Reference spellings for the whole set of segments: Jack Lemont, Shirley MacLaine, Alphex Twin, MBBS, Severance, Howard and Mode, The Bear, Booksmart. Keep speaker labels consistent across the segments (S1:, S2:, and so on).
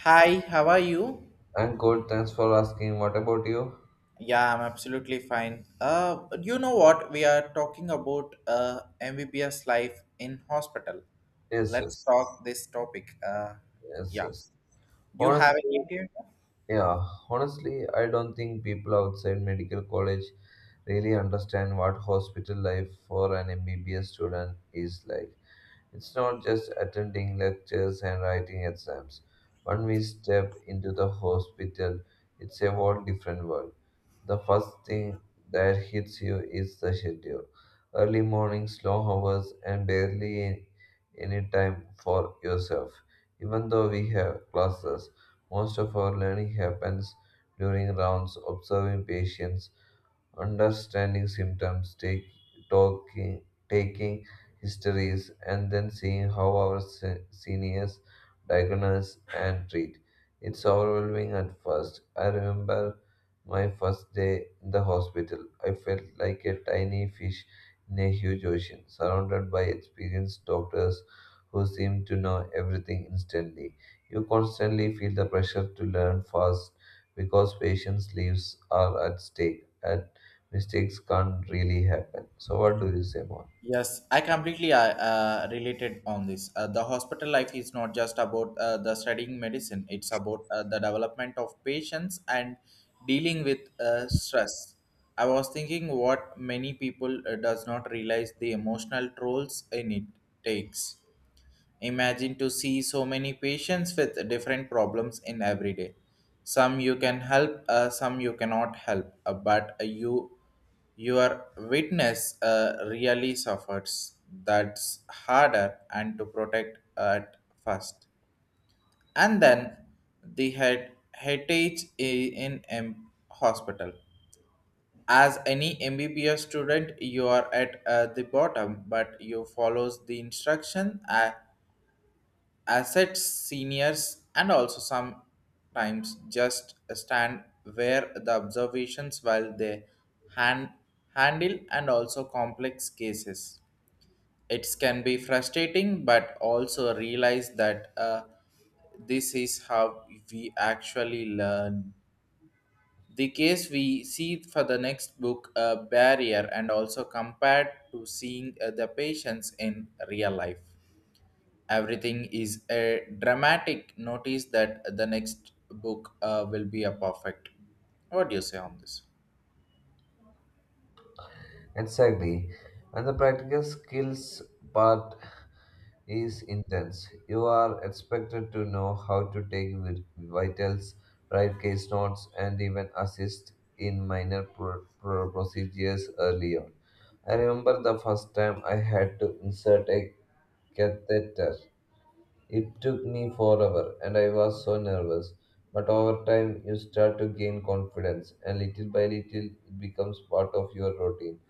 S1: Hi, how are you?
S2: I'm good. Thanks for asking. What about you?
S1: Yeah, I'm absolutely fine. You know what? We are talking about MBBS life in hospital.
S2: Yes,
S1: Let's
S2: yes,
S1: talk this topic.
S2: yes,
S1: Yeah.
S2: yes.
S1: Do you have any
S2: Honestly,
S1: idea?
S2: yeah, honestly, I don't think people outside medical college really understand what hospital life for an MBBS student is like. It's not just attending lectures and writing exams. When we step into the hospital, it's a whole different world. The first thing that hits you is the schedule. Early mornings, long hours, and barely any time for yourself. Even though we have classes, most of our learning happens during rounds, observing patients, understanding symptoms, talking, taking histories and then seeing how our seniors diagnose and treat. It's overwhelming at first. I remember my first day in the hospital. I felt like a tiny fish in a huge ocean, surrounded by experienced doctors who seem to know everything instantly. You constantly feel the pressure to learn fast because patients' lives are at stake and mistakes can't really happen. So, what do you say more?
S1: Yes, I completely related on this. The hospital life is not just about the studying medicine; it's about the development of patients and dealing with stress. I was thinking what many people does not realize the emotional trolls in it takes. Imagine to see so many patients with different problems in every day. Some you can help, some you cannot help, but you your witness really suffers. That's harder and to protect at first. And then the head heritage in M hospital. As any MBBS student, you are at the bottom, but you follows the instruction. Assets seniors and also sometimes just stand where the observations while they hand, handle and also complex cases it can be frustrating but also realize that this is how we actually learn the case we see for the next book a barrier and also compared to seeing the patients in real life. Everything is a dramatic notice that the next book will be a perfect. What do you say on this?
S2: Exactly. And the practical skills part is intense. You are expected to know how to take vitals, write case notes, and even assist in minor procedures early on. I remember the first time I had to insert a catheter. It took me forever and I was so nervous. But over time, you start to gain confidence, and little by little, it becomes part of your routine.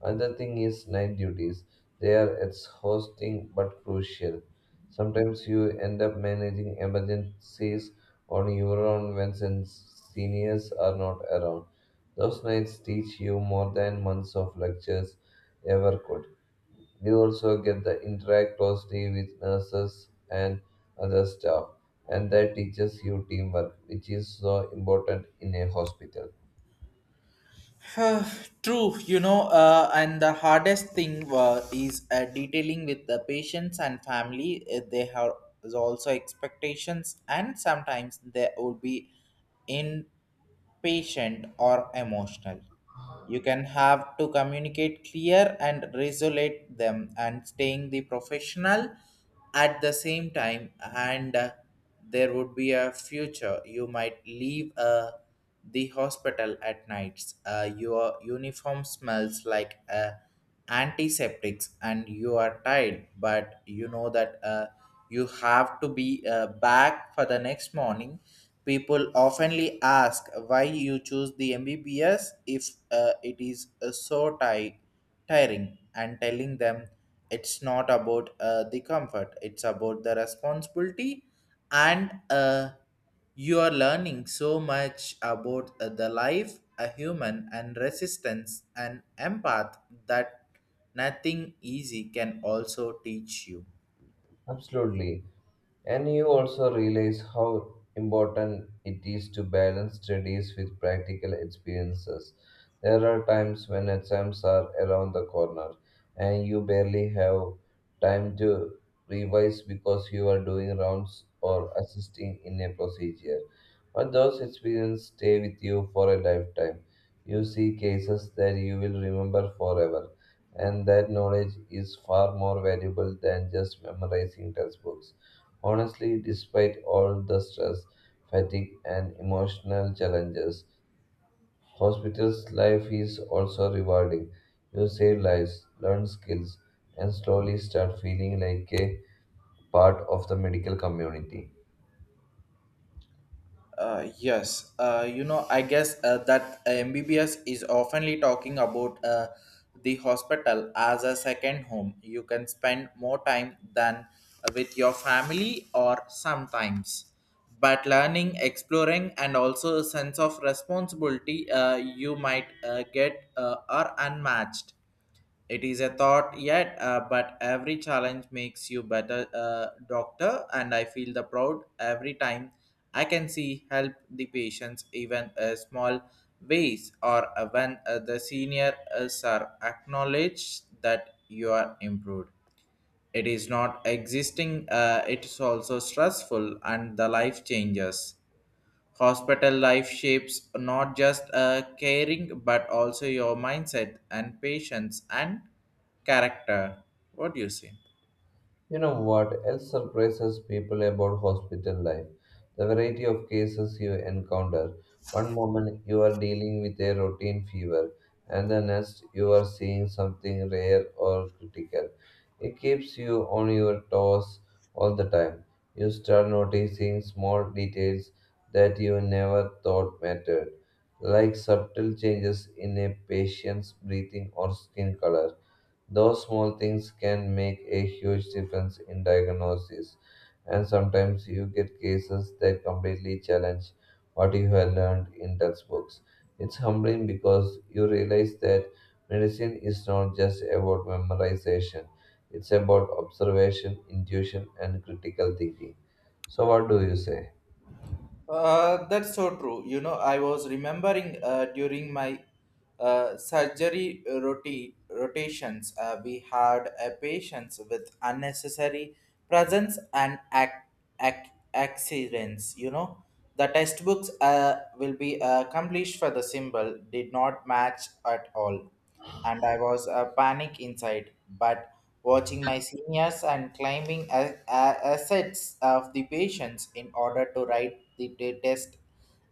S2: Another thing is night duties. They are exhausting but crucial. Sometimes you end up managing emergencies on your own when seniors are not around. Those nights teach you more than months of lectures ever could. You also get to interact closely with nurses and other staff, and that teaches you teamwork, which is so important in a hospital.
S1: Uh, True, you know, and the hardest thing is detailing with the patients and family. They have also expectations, and sometimes they would be impatient or emotional. You can have to communicate clear and resolute them and staying the professional at the same time and there would be a future you might leave the hospital at nights, your uniform smells like a antiseptics and you are tired but you know that you have to be back for the next morning. People oftenly ask why you choose the mbbs if it is so tiring and telling them it's not about the comfort, it's about the responsibility and you are learning so much about the life a human and resistance and empath that nothing easy can also teach you.
S2: Absolutely. And you also realize how important it is to balance studies with practical experiences. There are times when exams are around the corner and you barely have time to revise because you are doing rounds or assisting in a procedure. But those experiences stay with you for a lifetime. You see cases that you will remember forever and that knowledge is far more valuable than just memorizing textbooks. Honestly, despite all the stress, fatigue, and emotional challenges, hospital's life is also rewarding. You save lives, learn skills, and slowly start feeling like a part of the medical community.
S1: Yes, you know, I guess that MBBS is oftenly talking about the hospital as a second home. You can spend more time than with your family or sometimes. But learning, exploring, and also a sense of responsibility you might get are unmatched. It is a thought yet, but every challenge makes you better, doctor, and I feel the proud every time I can see help the patients, even a small ways, or when the senior us are acknowledged that you are improved. It is not existing, it is also stressful, and the life changes. Hospital life shapes not just caring but also your mindset and patience and character. What do you say?
S2: You know what else surprises people about hospital life? The variety of cases you encounter. One moment you are dealing with a routine fever, and the next you are seeing something rare or critical. It keeps you on your toes all the time. You start noticing small details that you never thought mattered, like subtle changes in a patient's breathing or skin color. Those small things can make a huge difference in diagnosis, and sometimes you get cases that completely challenge what you have learned in textbooks. It's humbling because you realize that medicine is not just about memorization, it's about observation, intuition, and critical thinking. So, what do you say?
S1: That's so true. You know, I was remembering during my surgery rotations, we had a patients with unnecessary presence and accidents. You know, the textbooks will be accomplished for the symbol did not match at all and I was a panic inside. But watching my seniors and climbing assets of the patients in order to write the test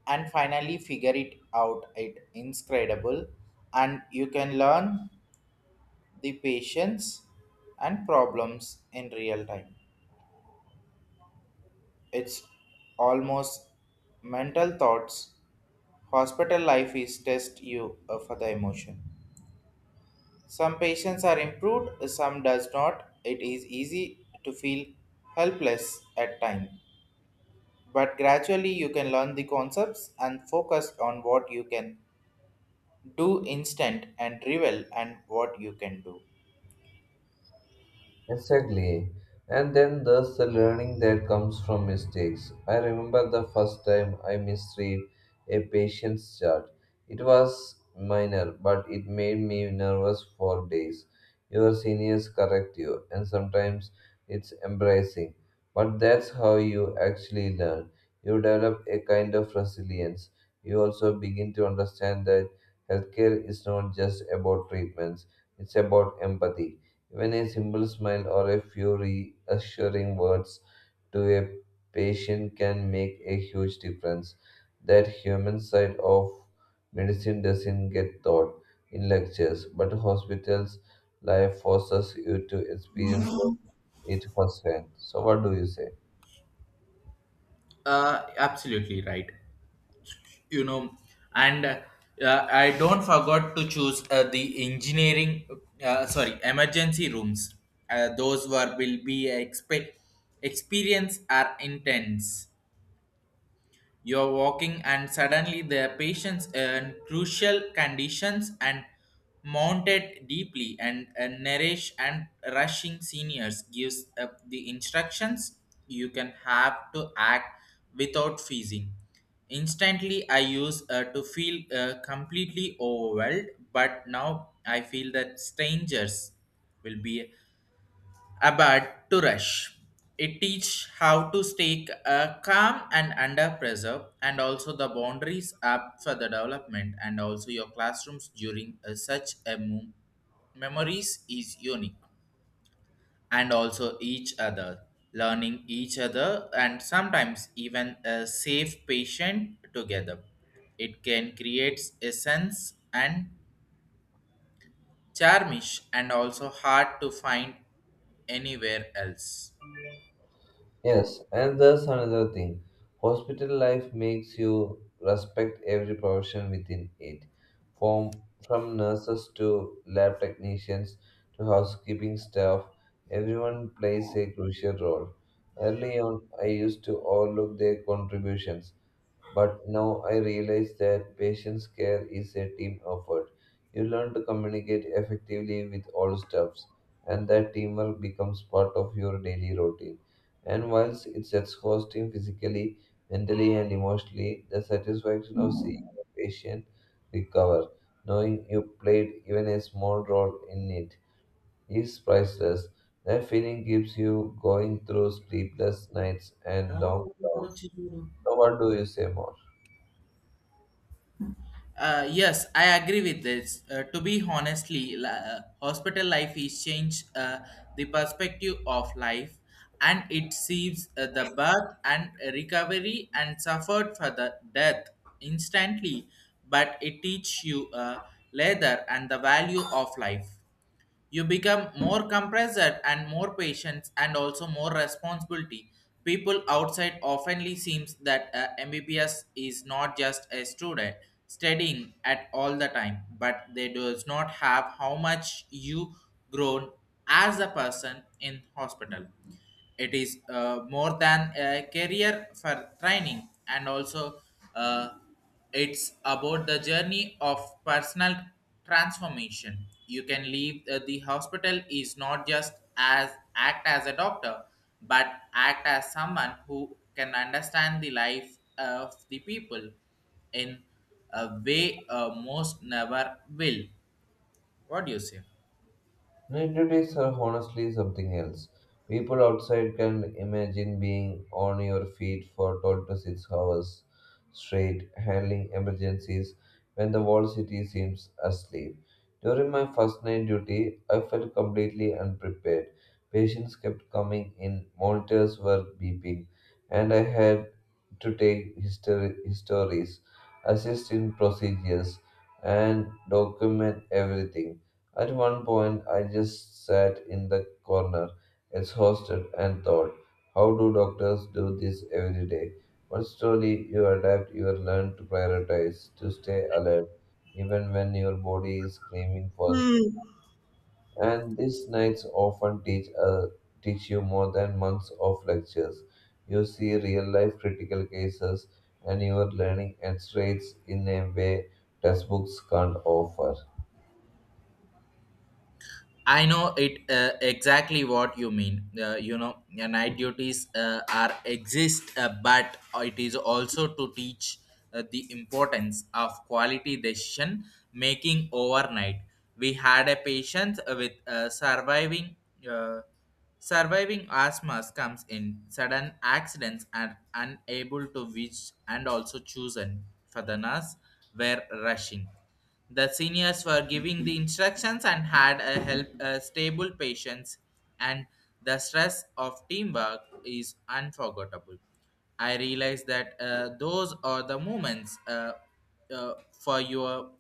S1: and finally figure it out, it incredible. And you can learn the patients and problems in real time. It's almost mental thoughts. Hospital life is test you for the emotion. Some patients are improved, some does not. It is easy to feel helpless at time, but gradually you can learn the concepts and focus on what you can do instant and revel and what you can do.
S2: Exactly. And then there's the learning that comes from mistakes. I remember the first time I misread a patient's chart. It was minor, but it made me nervous for days. Your seniors correct you, and sometimes it's embarrassing. But that's how you actually learn. You develop a kind of resilience. You also begin to understand that healthcare is not just about treatments, it's about empathy. Even a simple smile or a few reassuring words to a patient can make a huge difference. That human side of medicine doesn't get taught in lectures, but hospitals life forces you to experience it firsthand. So, what do you say?
S1: Absolutely right. You know, and I don't forgot to choose the engineering. Sorry, emergency rooms. Those were will be experience are intense. You're walking, and suddenly the patient's in crucial conditions and mounted deeply, and nourish and rushing seniors gives up the instructions. You can have to act without freezing. Instantly, I used to feel completely overwhelmed, but now I feel that strangers will be about to rush. It teach how to stay calm and under pressure, and also the boundaries up for the development, and also your classrooms during such a memories is unique, and also each other learning each other, and sometimes even a safe patient together. It can create a sense and charmish, and also hard to find anywhere else.
S2: Yes, and there's another thing. Hospital life makes you respect every profession within it, from from nurses to lab technicians to housekeeping staff. Everyone plays a crucial role. Early on, I used to overlook their contributions, but now I realize that patient care is a team effort. You learn to communicate effectively with all staffs, and that teamwork becomes part of your daily routine. And whilst it's exhausting physically, mentally, and emotionally, the satisfaction of seeing a patient recover, knowing you played even a small role in it, is priceless. That feeling keeps you going through sleepless nights and long
S1: Oh, what
S2: rounds.
S1: to.
S2: So, what do you say more?
S1: Yes, I agree with this. To be honestly, hospital life is changed the perspective of life, and it sees the birth and recovery and suffered for the death instantly, but it teach you later and the value of life. You become more compressed and more patient and also more responsibility. People outside oftenly seems that mbbs is not just a student studying at all the time but they does not have how much you grown as a person in hospital. It is more than a career for training and also uh, it's about the journey of personal transformation. You can leave the hospital is not just as act as a doctor, but act as someone who can understand the life of the people in a way most never will. What do you say?
S2: Nativities are honestly something else. People outside can imagine being on your feet for 12 to 6 hours straight, handling emergencies when the whole city seems asleep. During my first night duty, I felt completely unprepared. Patients kept coming in, monitors were beeping, and I had to take histories, assist in procedures, and document everything. At one point, I just sat in the corner, exhausted, and thought, how do doctors do this every day? But slowly, you adapt, you learn to prioritize, to stay alert, even when your body is screaming for sleep.
S1: Hmm.
S2: And these nights often teach you more than months of lectures. You see real life critical cases, and you are learning x rays in a way textbooks can't offer.
S1: I know it exactly what you mean. You know, night duties are exist, but it is also to teach the importance of quality decision making overnight. We had a patient with surviving. Uh, Surviving asthma comes in sudden accidents and unable to reach and also chosen for the nurse were rushing. The seniors were giving the instructions and had a help a stable patience, and the stress of teamwork is unforgettable. I realized that those are the moments for your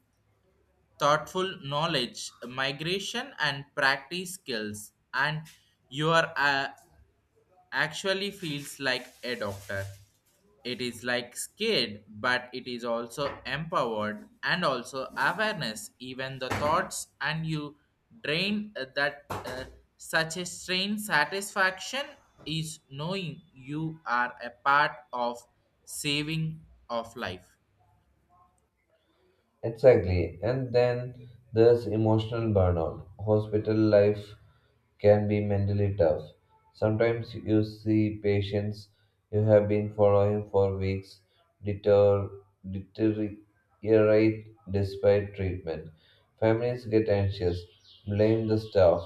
S1: thoughtful knowledge, migration, and practice skills, and your actually feels like a doctor. It is like scared, but it is also empowered and also awareness, even the thoughts and you drain that such a strange satisfaction is knowing you are a part of saving of life.
S2: Exactly. And then there's emotional burnout. Hospital life can be mentally tough. Sometimes you see patients you have been following for weeks deter, deteriorate despite treatment. Families get anxious, blame the staff,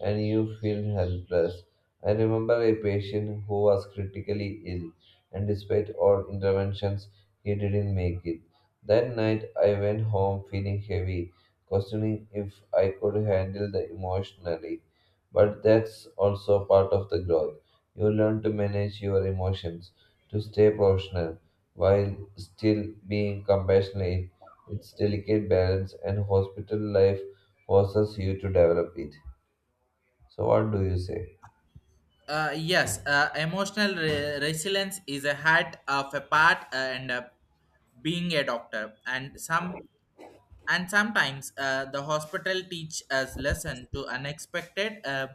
S2: and you feel helpless. I remember a patient who was critically ill, and despite all interventions, he didn't make it. That night I went home feeling heavy, questioning if I could handle the emotionally. But that's also part of the growth. You learn to manage your emotions, to stay professional while still being compassionate. It's delicate balance and hospital life forces you to develop it. So what do you say?
S1: Yes, emotional resilience is a hat of a part and a being a doctor and sometimes the hospital teach us lesson to unexpected uh,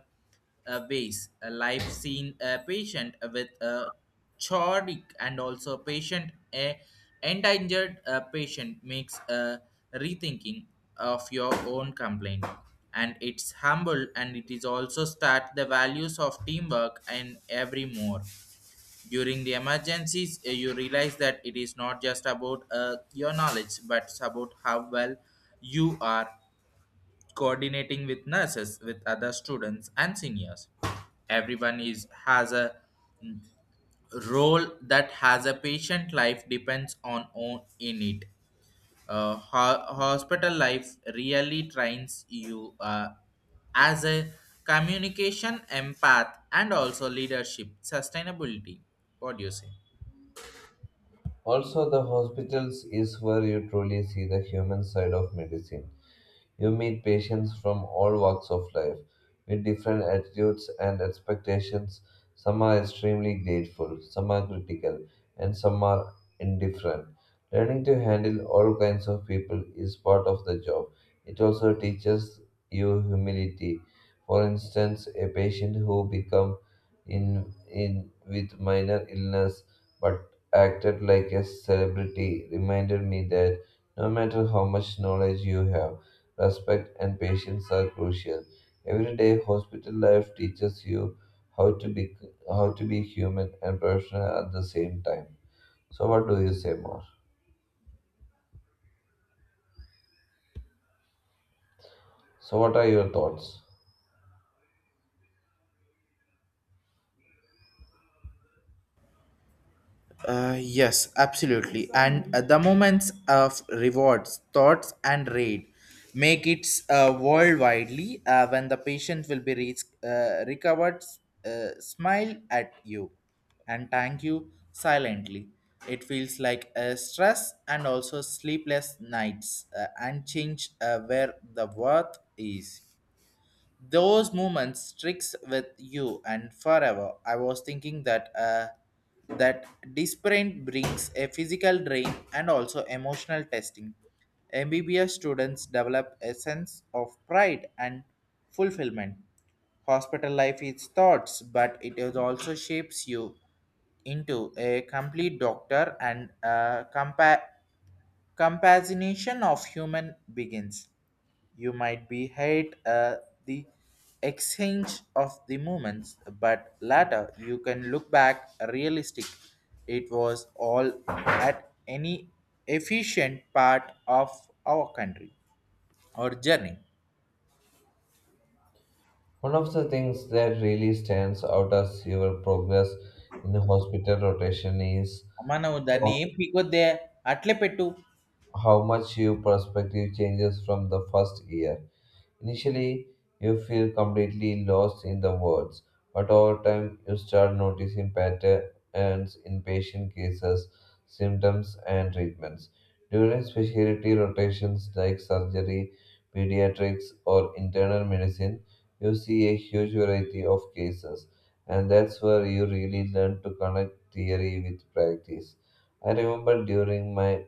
S1: uh, ways a life seen a patient with a chordic and also patient a endangered patient makes a rethinking of your own complaint and it's humble and it is also start the values of teamwork and every more during the emergencies, you realize that it is not just about your knowledge, but it's about how well you are coordinating with nurses, with other students and seniors. Everyone is has a role that has a patient life depends on own in it. Hospital life really trains you as a communication empath and also leadership sustainability. What do you say?
S2: Also the hospitals is where you truly see the human side of medicine. You meet patients from all walks of life with different attitudes and expectations. Some are extremely grateful, some are critical, and some are indifferent. Learning to handle all kinds of people is part of the job. It also teaches you humility. For instance, a patient who became in with minor illness but acted like a celebrity reminded me that no matter how much knowledge you have, respect, and patience are crucial. Every day, hospital life teaches you how to be how to be human and professional at the same time. So, what do you say more? So, what are your thoughts?
S1: Yes, absolutely. And the moments of rewards, thoughts, and raid make it worldwidely when the patient will be recovered, smile at you and thank you silently. It feels like stress and also sleepless nights and change where the worth is. Those moments sticks with you and forever. I was thinking that that disparate brings a physical drain and also emotional testing. MBBS students develop a sense of pride and fulfillment. Hospital life is thoughts, but it is also shapes you into a complete doctor and a Compassionation of human begins. You might be hate the exchange of the moments, but later you can look back realistic. It was all at any efficient part of our country or journey.
S2: One of the things that really stands out as your progress in the hospital rotation is
S1: మనము దాన్ని ఏ పీకొద్దే అట్లే పెట్టు.
S2: how much your perspective changes from the first year. Initially, you feel completely lost in the words, but over time, you start noticing patterns in patient cases, symptoms, and treatments. During specialty rotations like surgery, pediatrics, or internal medicine, you see a huge variety of cases, and that's where you really learn to connect theory with practice. I remember during my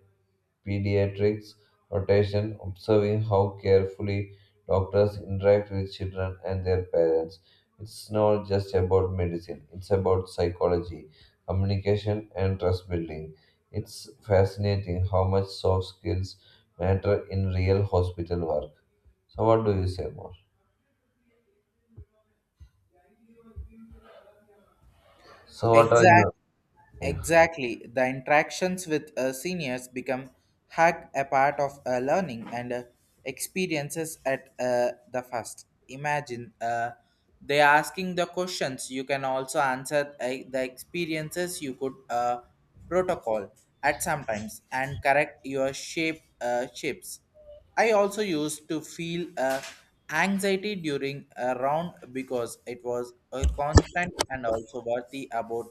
S2: pediatrics rotation, observing how carefully doctors interact with children and their parents. It's not just about medicine, it's about psychology, communication, and trust building. It's fascinating how much soft skills matter in real hospital work. So, what do you say more? So, what are
S1: Exact,
S2: your. Yeah.
S1: exactly. The interactions with seniors become hack a part of learning and experiences at the first. Imagine they asking the questions. You can also answer the experiences you could protocol at sometimes and correct your shapes. I also used to feel anxiety during a round because it was a constant and also worthy about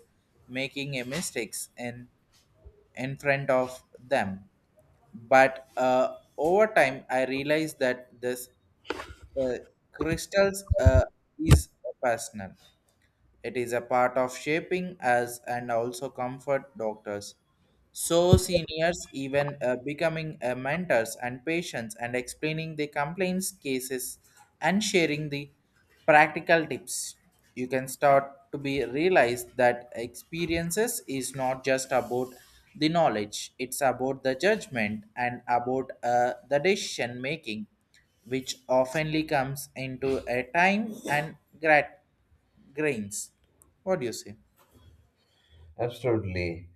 S1: making a mistakes in front of them. But over time, I realized that this uh, crystals is personal. It is a part of shaping us and also comfort doctors. So seniors even becoming mentors and patients and explaining the complaints cases and sharing the practical tips. You can start to be realized that experiences is not just about the knowledge; it's about the judgment and about the decision making, which oftenly comes into a time and grains. What do you say?
S2: Absolutely.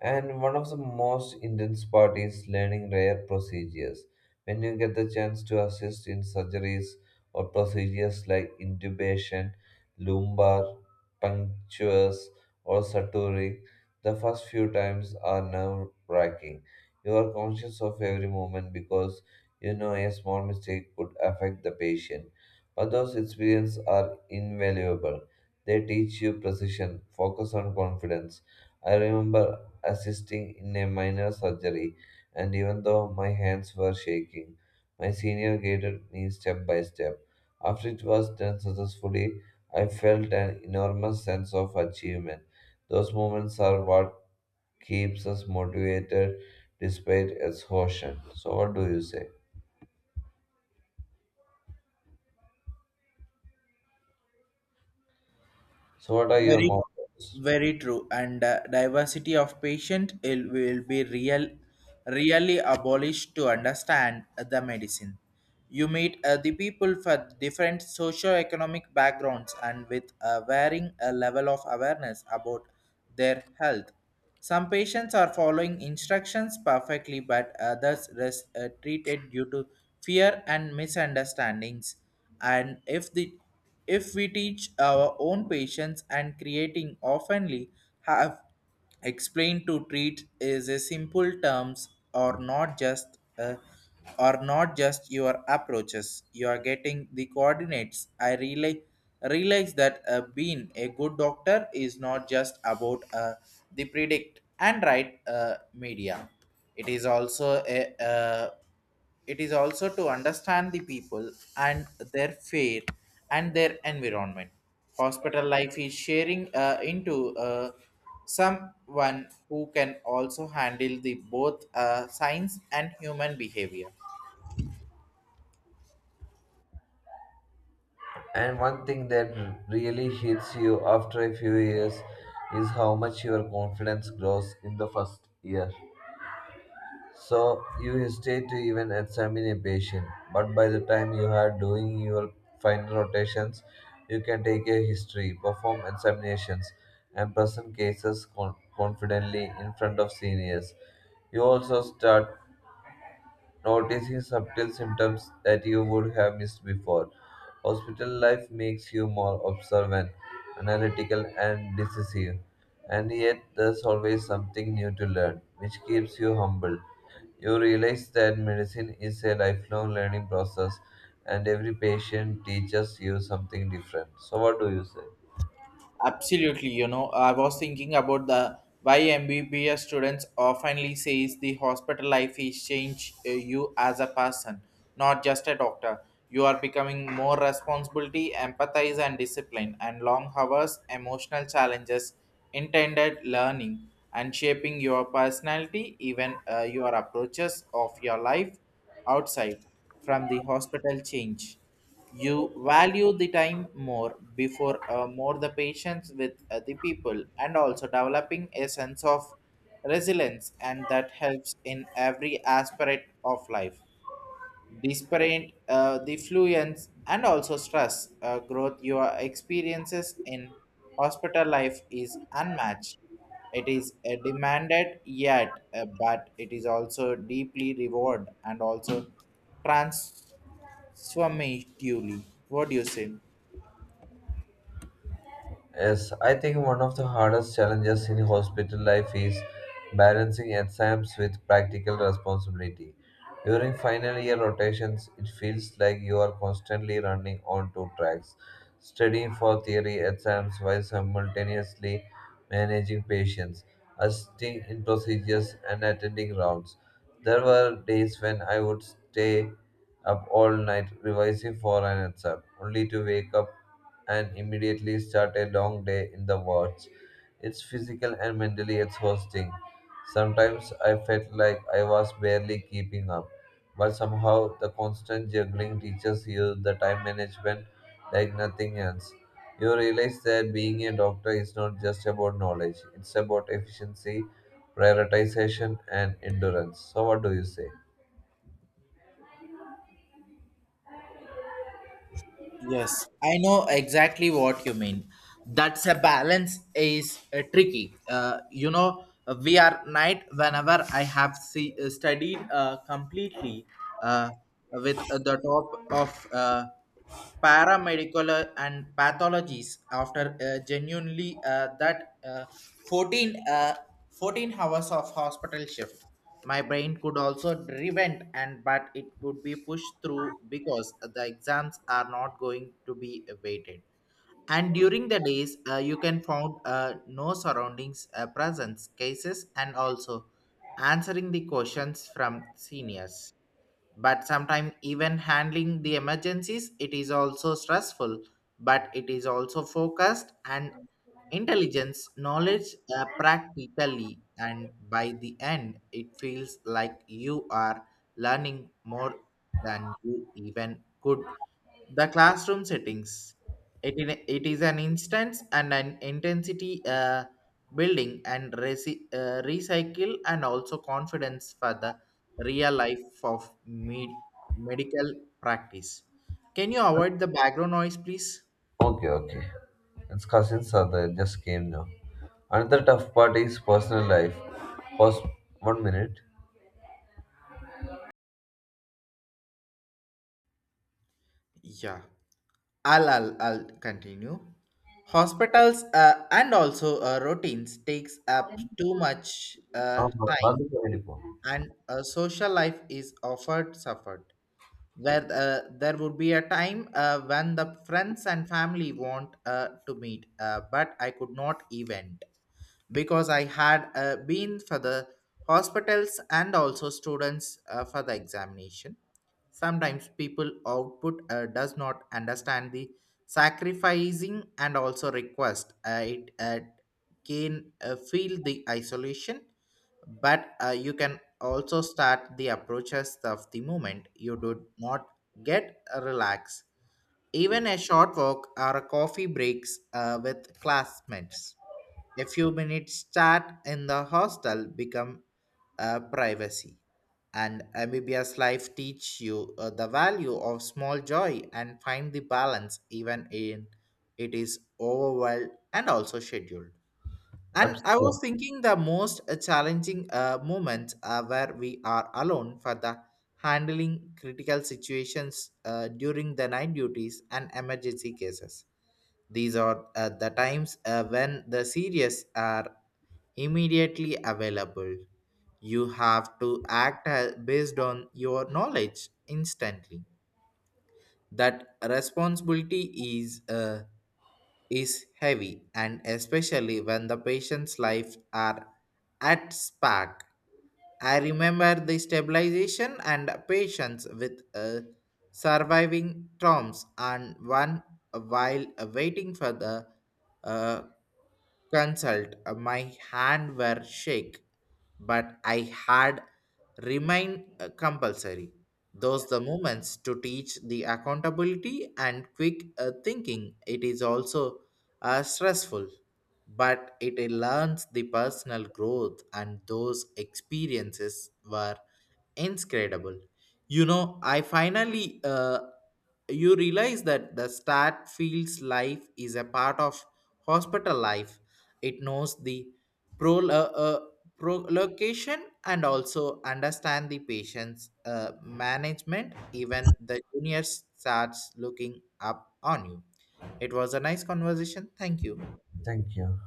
S2: And one of the most intense part is learning rare procedures. When you get the chance to assist in surgeries or procedures like intubation, lumbar, punctures, or suturing, the first few times are nerve wracking. You are conscious of every moment because you know a small mistake could affect the patient. But those experiences are invaluable. They teach you precision, focus on confidence. I remember assisting in a minor surgery, and even though my hands were shaking, my senior guided me step by step. After it was done successfully, I felt an enormous sense of achievement. Those moments are what keeps us motivated despite exhaustion. So, what do you say? So, what are your
S1: Very,
S2: mottos?
S1: very true. And diversity of patient it will be real, really abolished to understand the medicine. You meet the people for different socio-economic backgrounds and with a varying level of awareness about their health. Some patients are following instructions perfectly, but others treated due to fear and misunderstandings. And if the if we teach our own patients and creating oftenly have explained to treat is a simple terms or not just your approaches. You are getting the coordinates. I relay realize that being a good doctor is not just about the predict and right media, it is also a it is also to understand the people and their fear and their environment. Hospital life is sharing into someone who can also handle the both science and human behavior.
S2: And one thing that really hits you after a few years is how much your confidence grows in the first year. So you stay to even examine a patient, but by the time you are doing your final rotations, you can take a history, perform examinations, and present cases confidently in front of seniors. You also start noticing subtle symptoms that you would have missed before. Hospital life makes you more observant, analytical, and decisive, and yet there's always something new to learn, which keeps you humble. You realize that medicine is a lifelong learning process and every patient teaches you something different. So, what do you say?
S1: Absolutely, you know, I was thinking about the why MBBS students oftenly says the hospital life is change you as a person, not just a doctor. You are becoming more responsibility, empathize and discipline, and long hours, emotional challenges, intended learning, and shaping your personality, even your approaches of your life outside from the hospital change. You value the time more before more the patience with the people and also developing a sense of resilience, and that helps in every aspect of life. Disparate defluence and also stress growth your experiences in hospital life is unmatched. It is demanded yet but it is also deeply reward and also transformatively. What do you say?
S2: Yes, I think one of the hardest challenges in hospital life is balancing exams with practical responsibility. During final year rotations, it feels like you are constantly running on two tracks, studying for theory exams while simultaneously managing patients, assisting in procedures, and attending rounds. There were days when I would stay up all night revising for an exam, only to wake up and immediately start a long day in the wards. It's physical and mentally exhausting. Sometimes I felt like I was barely keeping up, but somehow the constant juggling teaches you the time management like nothing else. You realize that being a doctor is not just about knowledge, it's about efficiency, prioritization, and endurance. So, what do you say?
S1: Yes, I know exactly what you mean. That's a balance is tricky. You know, we are night whenever I have see, studied completely uh, with the top of paramedical and pathologies after genuinely 14, uh, 14 hours of hospital shift. My brain could also prevent and but it would be pushed through because the exams are not going to be awaited. And during the days, you can found no surroundings presence cases and also answering the questions from seniors. But sometimes even handling the emergencies, it is also stressful, but it is also focused and intelligence knowledge practically, and by the end it feels like you are learning more than you even could the classroom settings. It is an instance and an intensity building and recycle and also confidence for the real life of medical practice. Can you avoid the background noise please?
S2: Okay, okay. It's cousins are there. Just came now. Another tough part is personal life. Pause one minute.
S1: Yeah. I'll continue. Hospitals and also routines takes up too much
S2: ஆமா,
S1: time,
S2: அதுக்கு வேண்டி போ.
S1: and a social life is offered suffered, where there would be a time when the friends and family want to meet but I could not event because I had been for the hospitals and also students for the examination. Sometimes people output does not understand the sacrificing and also request it can feel the isolation. But you can also start the approaches of the moment you do not get a relax. Even a short walk or a coffee breaks with classmates, a few minutes chat in the hostel become privacy. And amphibious life teach you the value of small joy and find the balance even in it is overwhelmed and also scheduled. And I
S2: Absolutely.
S1: was thinking the most challenging moments where we are alone for the handling critical situations during the night duties and emergency cases. These are the times when the serious are immediately available. You have to act based on your knowledge instantly. That responsibility is heavy, and especially when the patient's life are at spark. I remember the stabilization and patients with surviving traumas and one while waiting for the uh, consult my hand were shake, but I had remained compulsory. Those the moments to teach the accountability and quick thinking, it is also stressful, but it learns the personal growth, and those experiences were inscredible. You know, I finally you realize that the stat field's life is a part of hospital life. It knows the pro uh, uh, location and also understand the patient's management, even the junior starts looking up on you. It was a nice conversation, thank you.
S2: Thank you.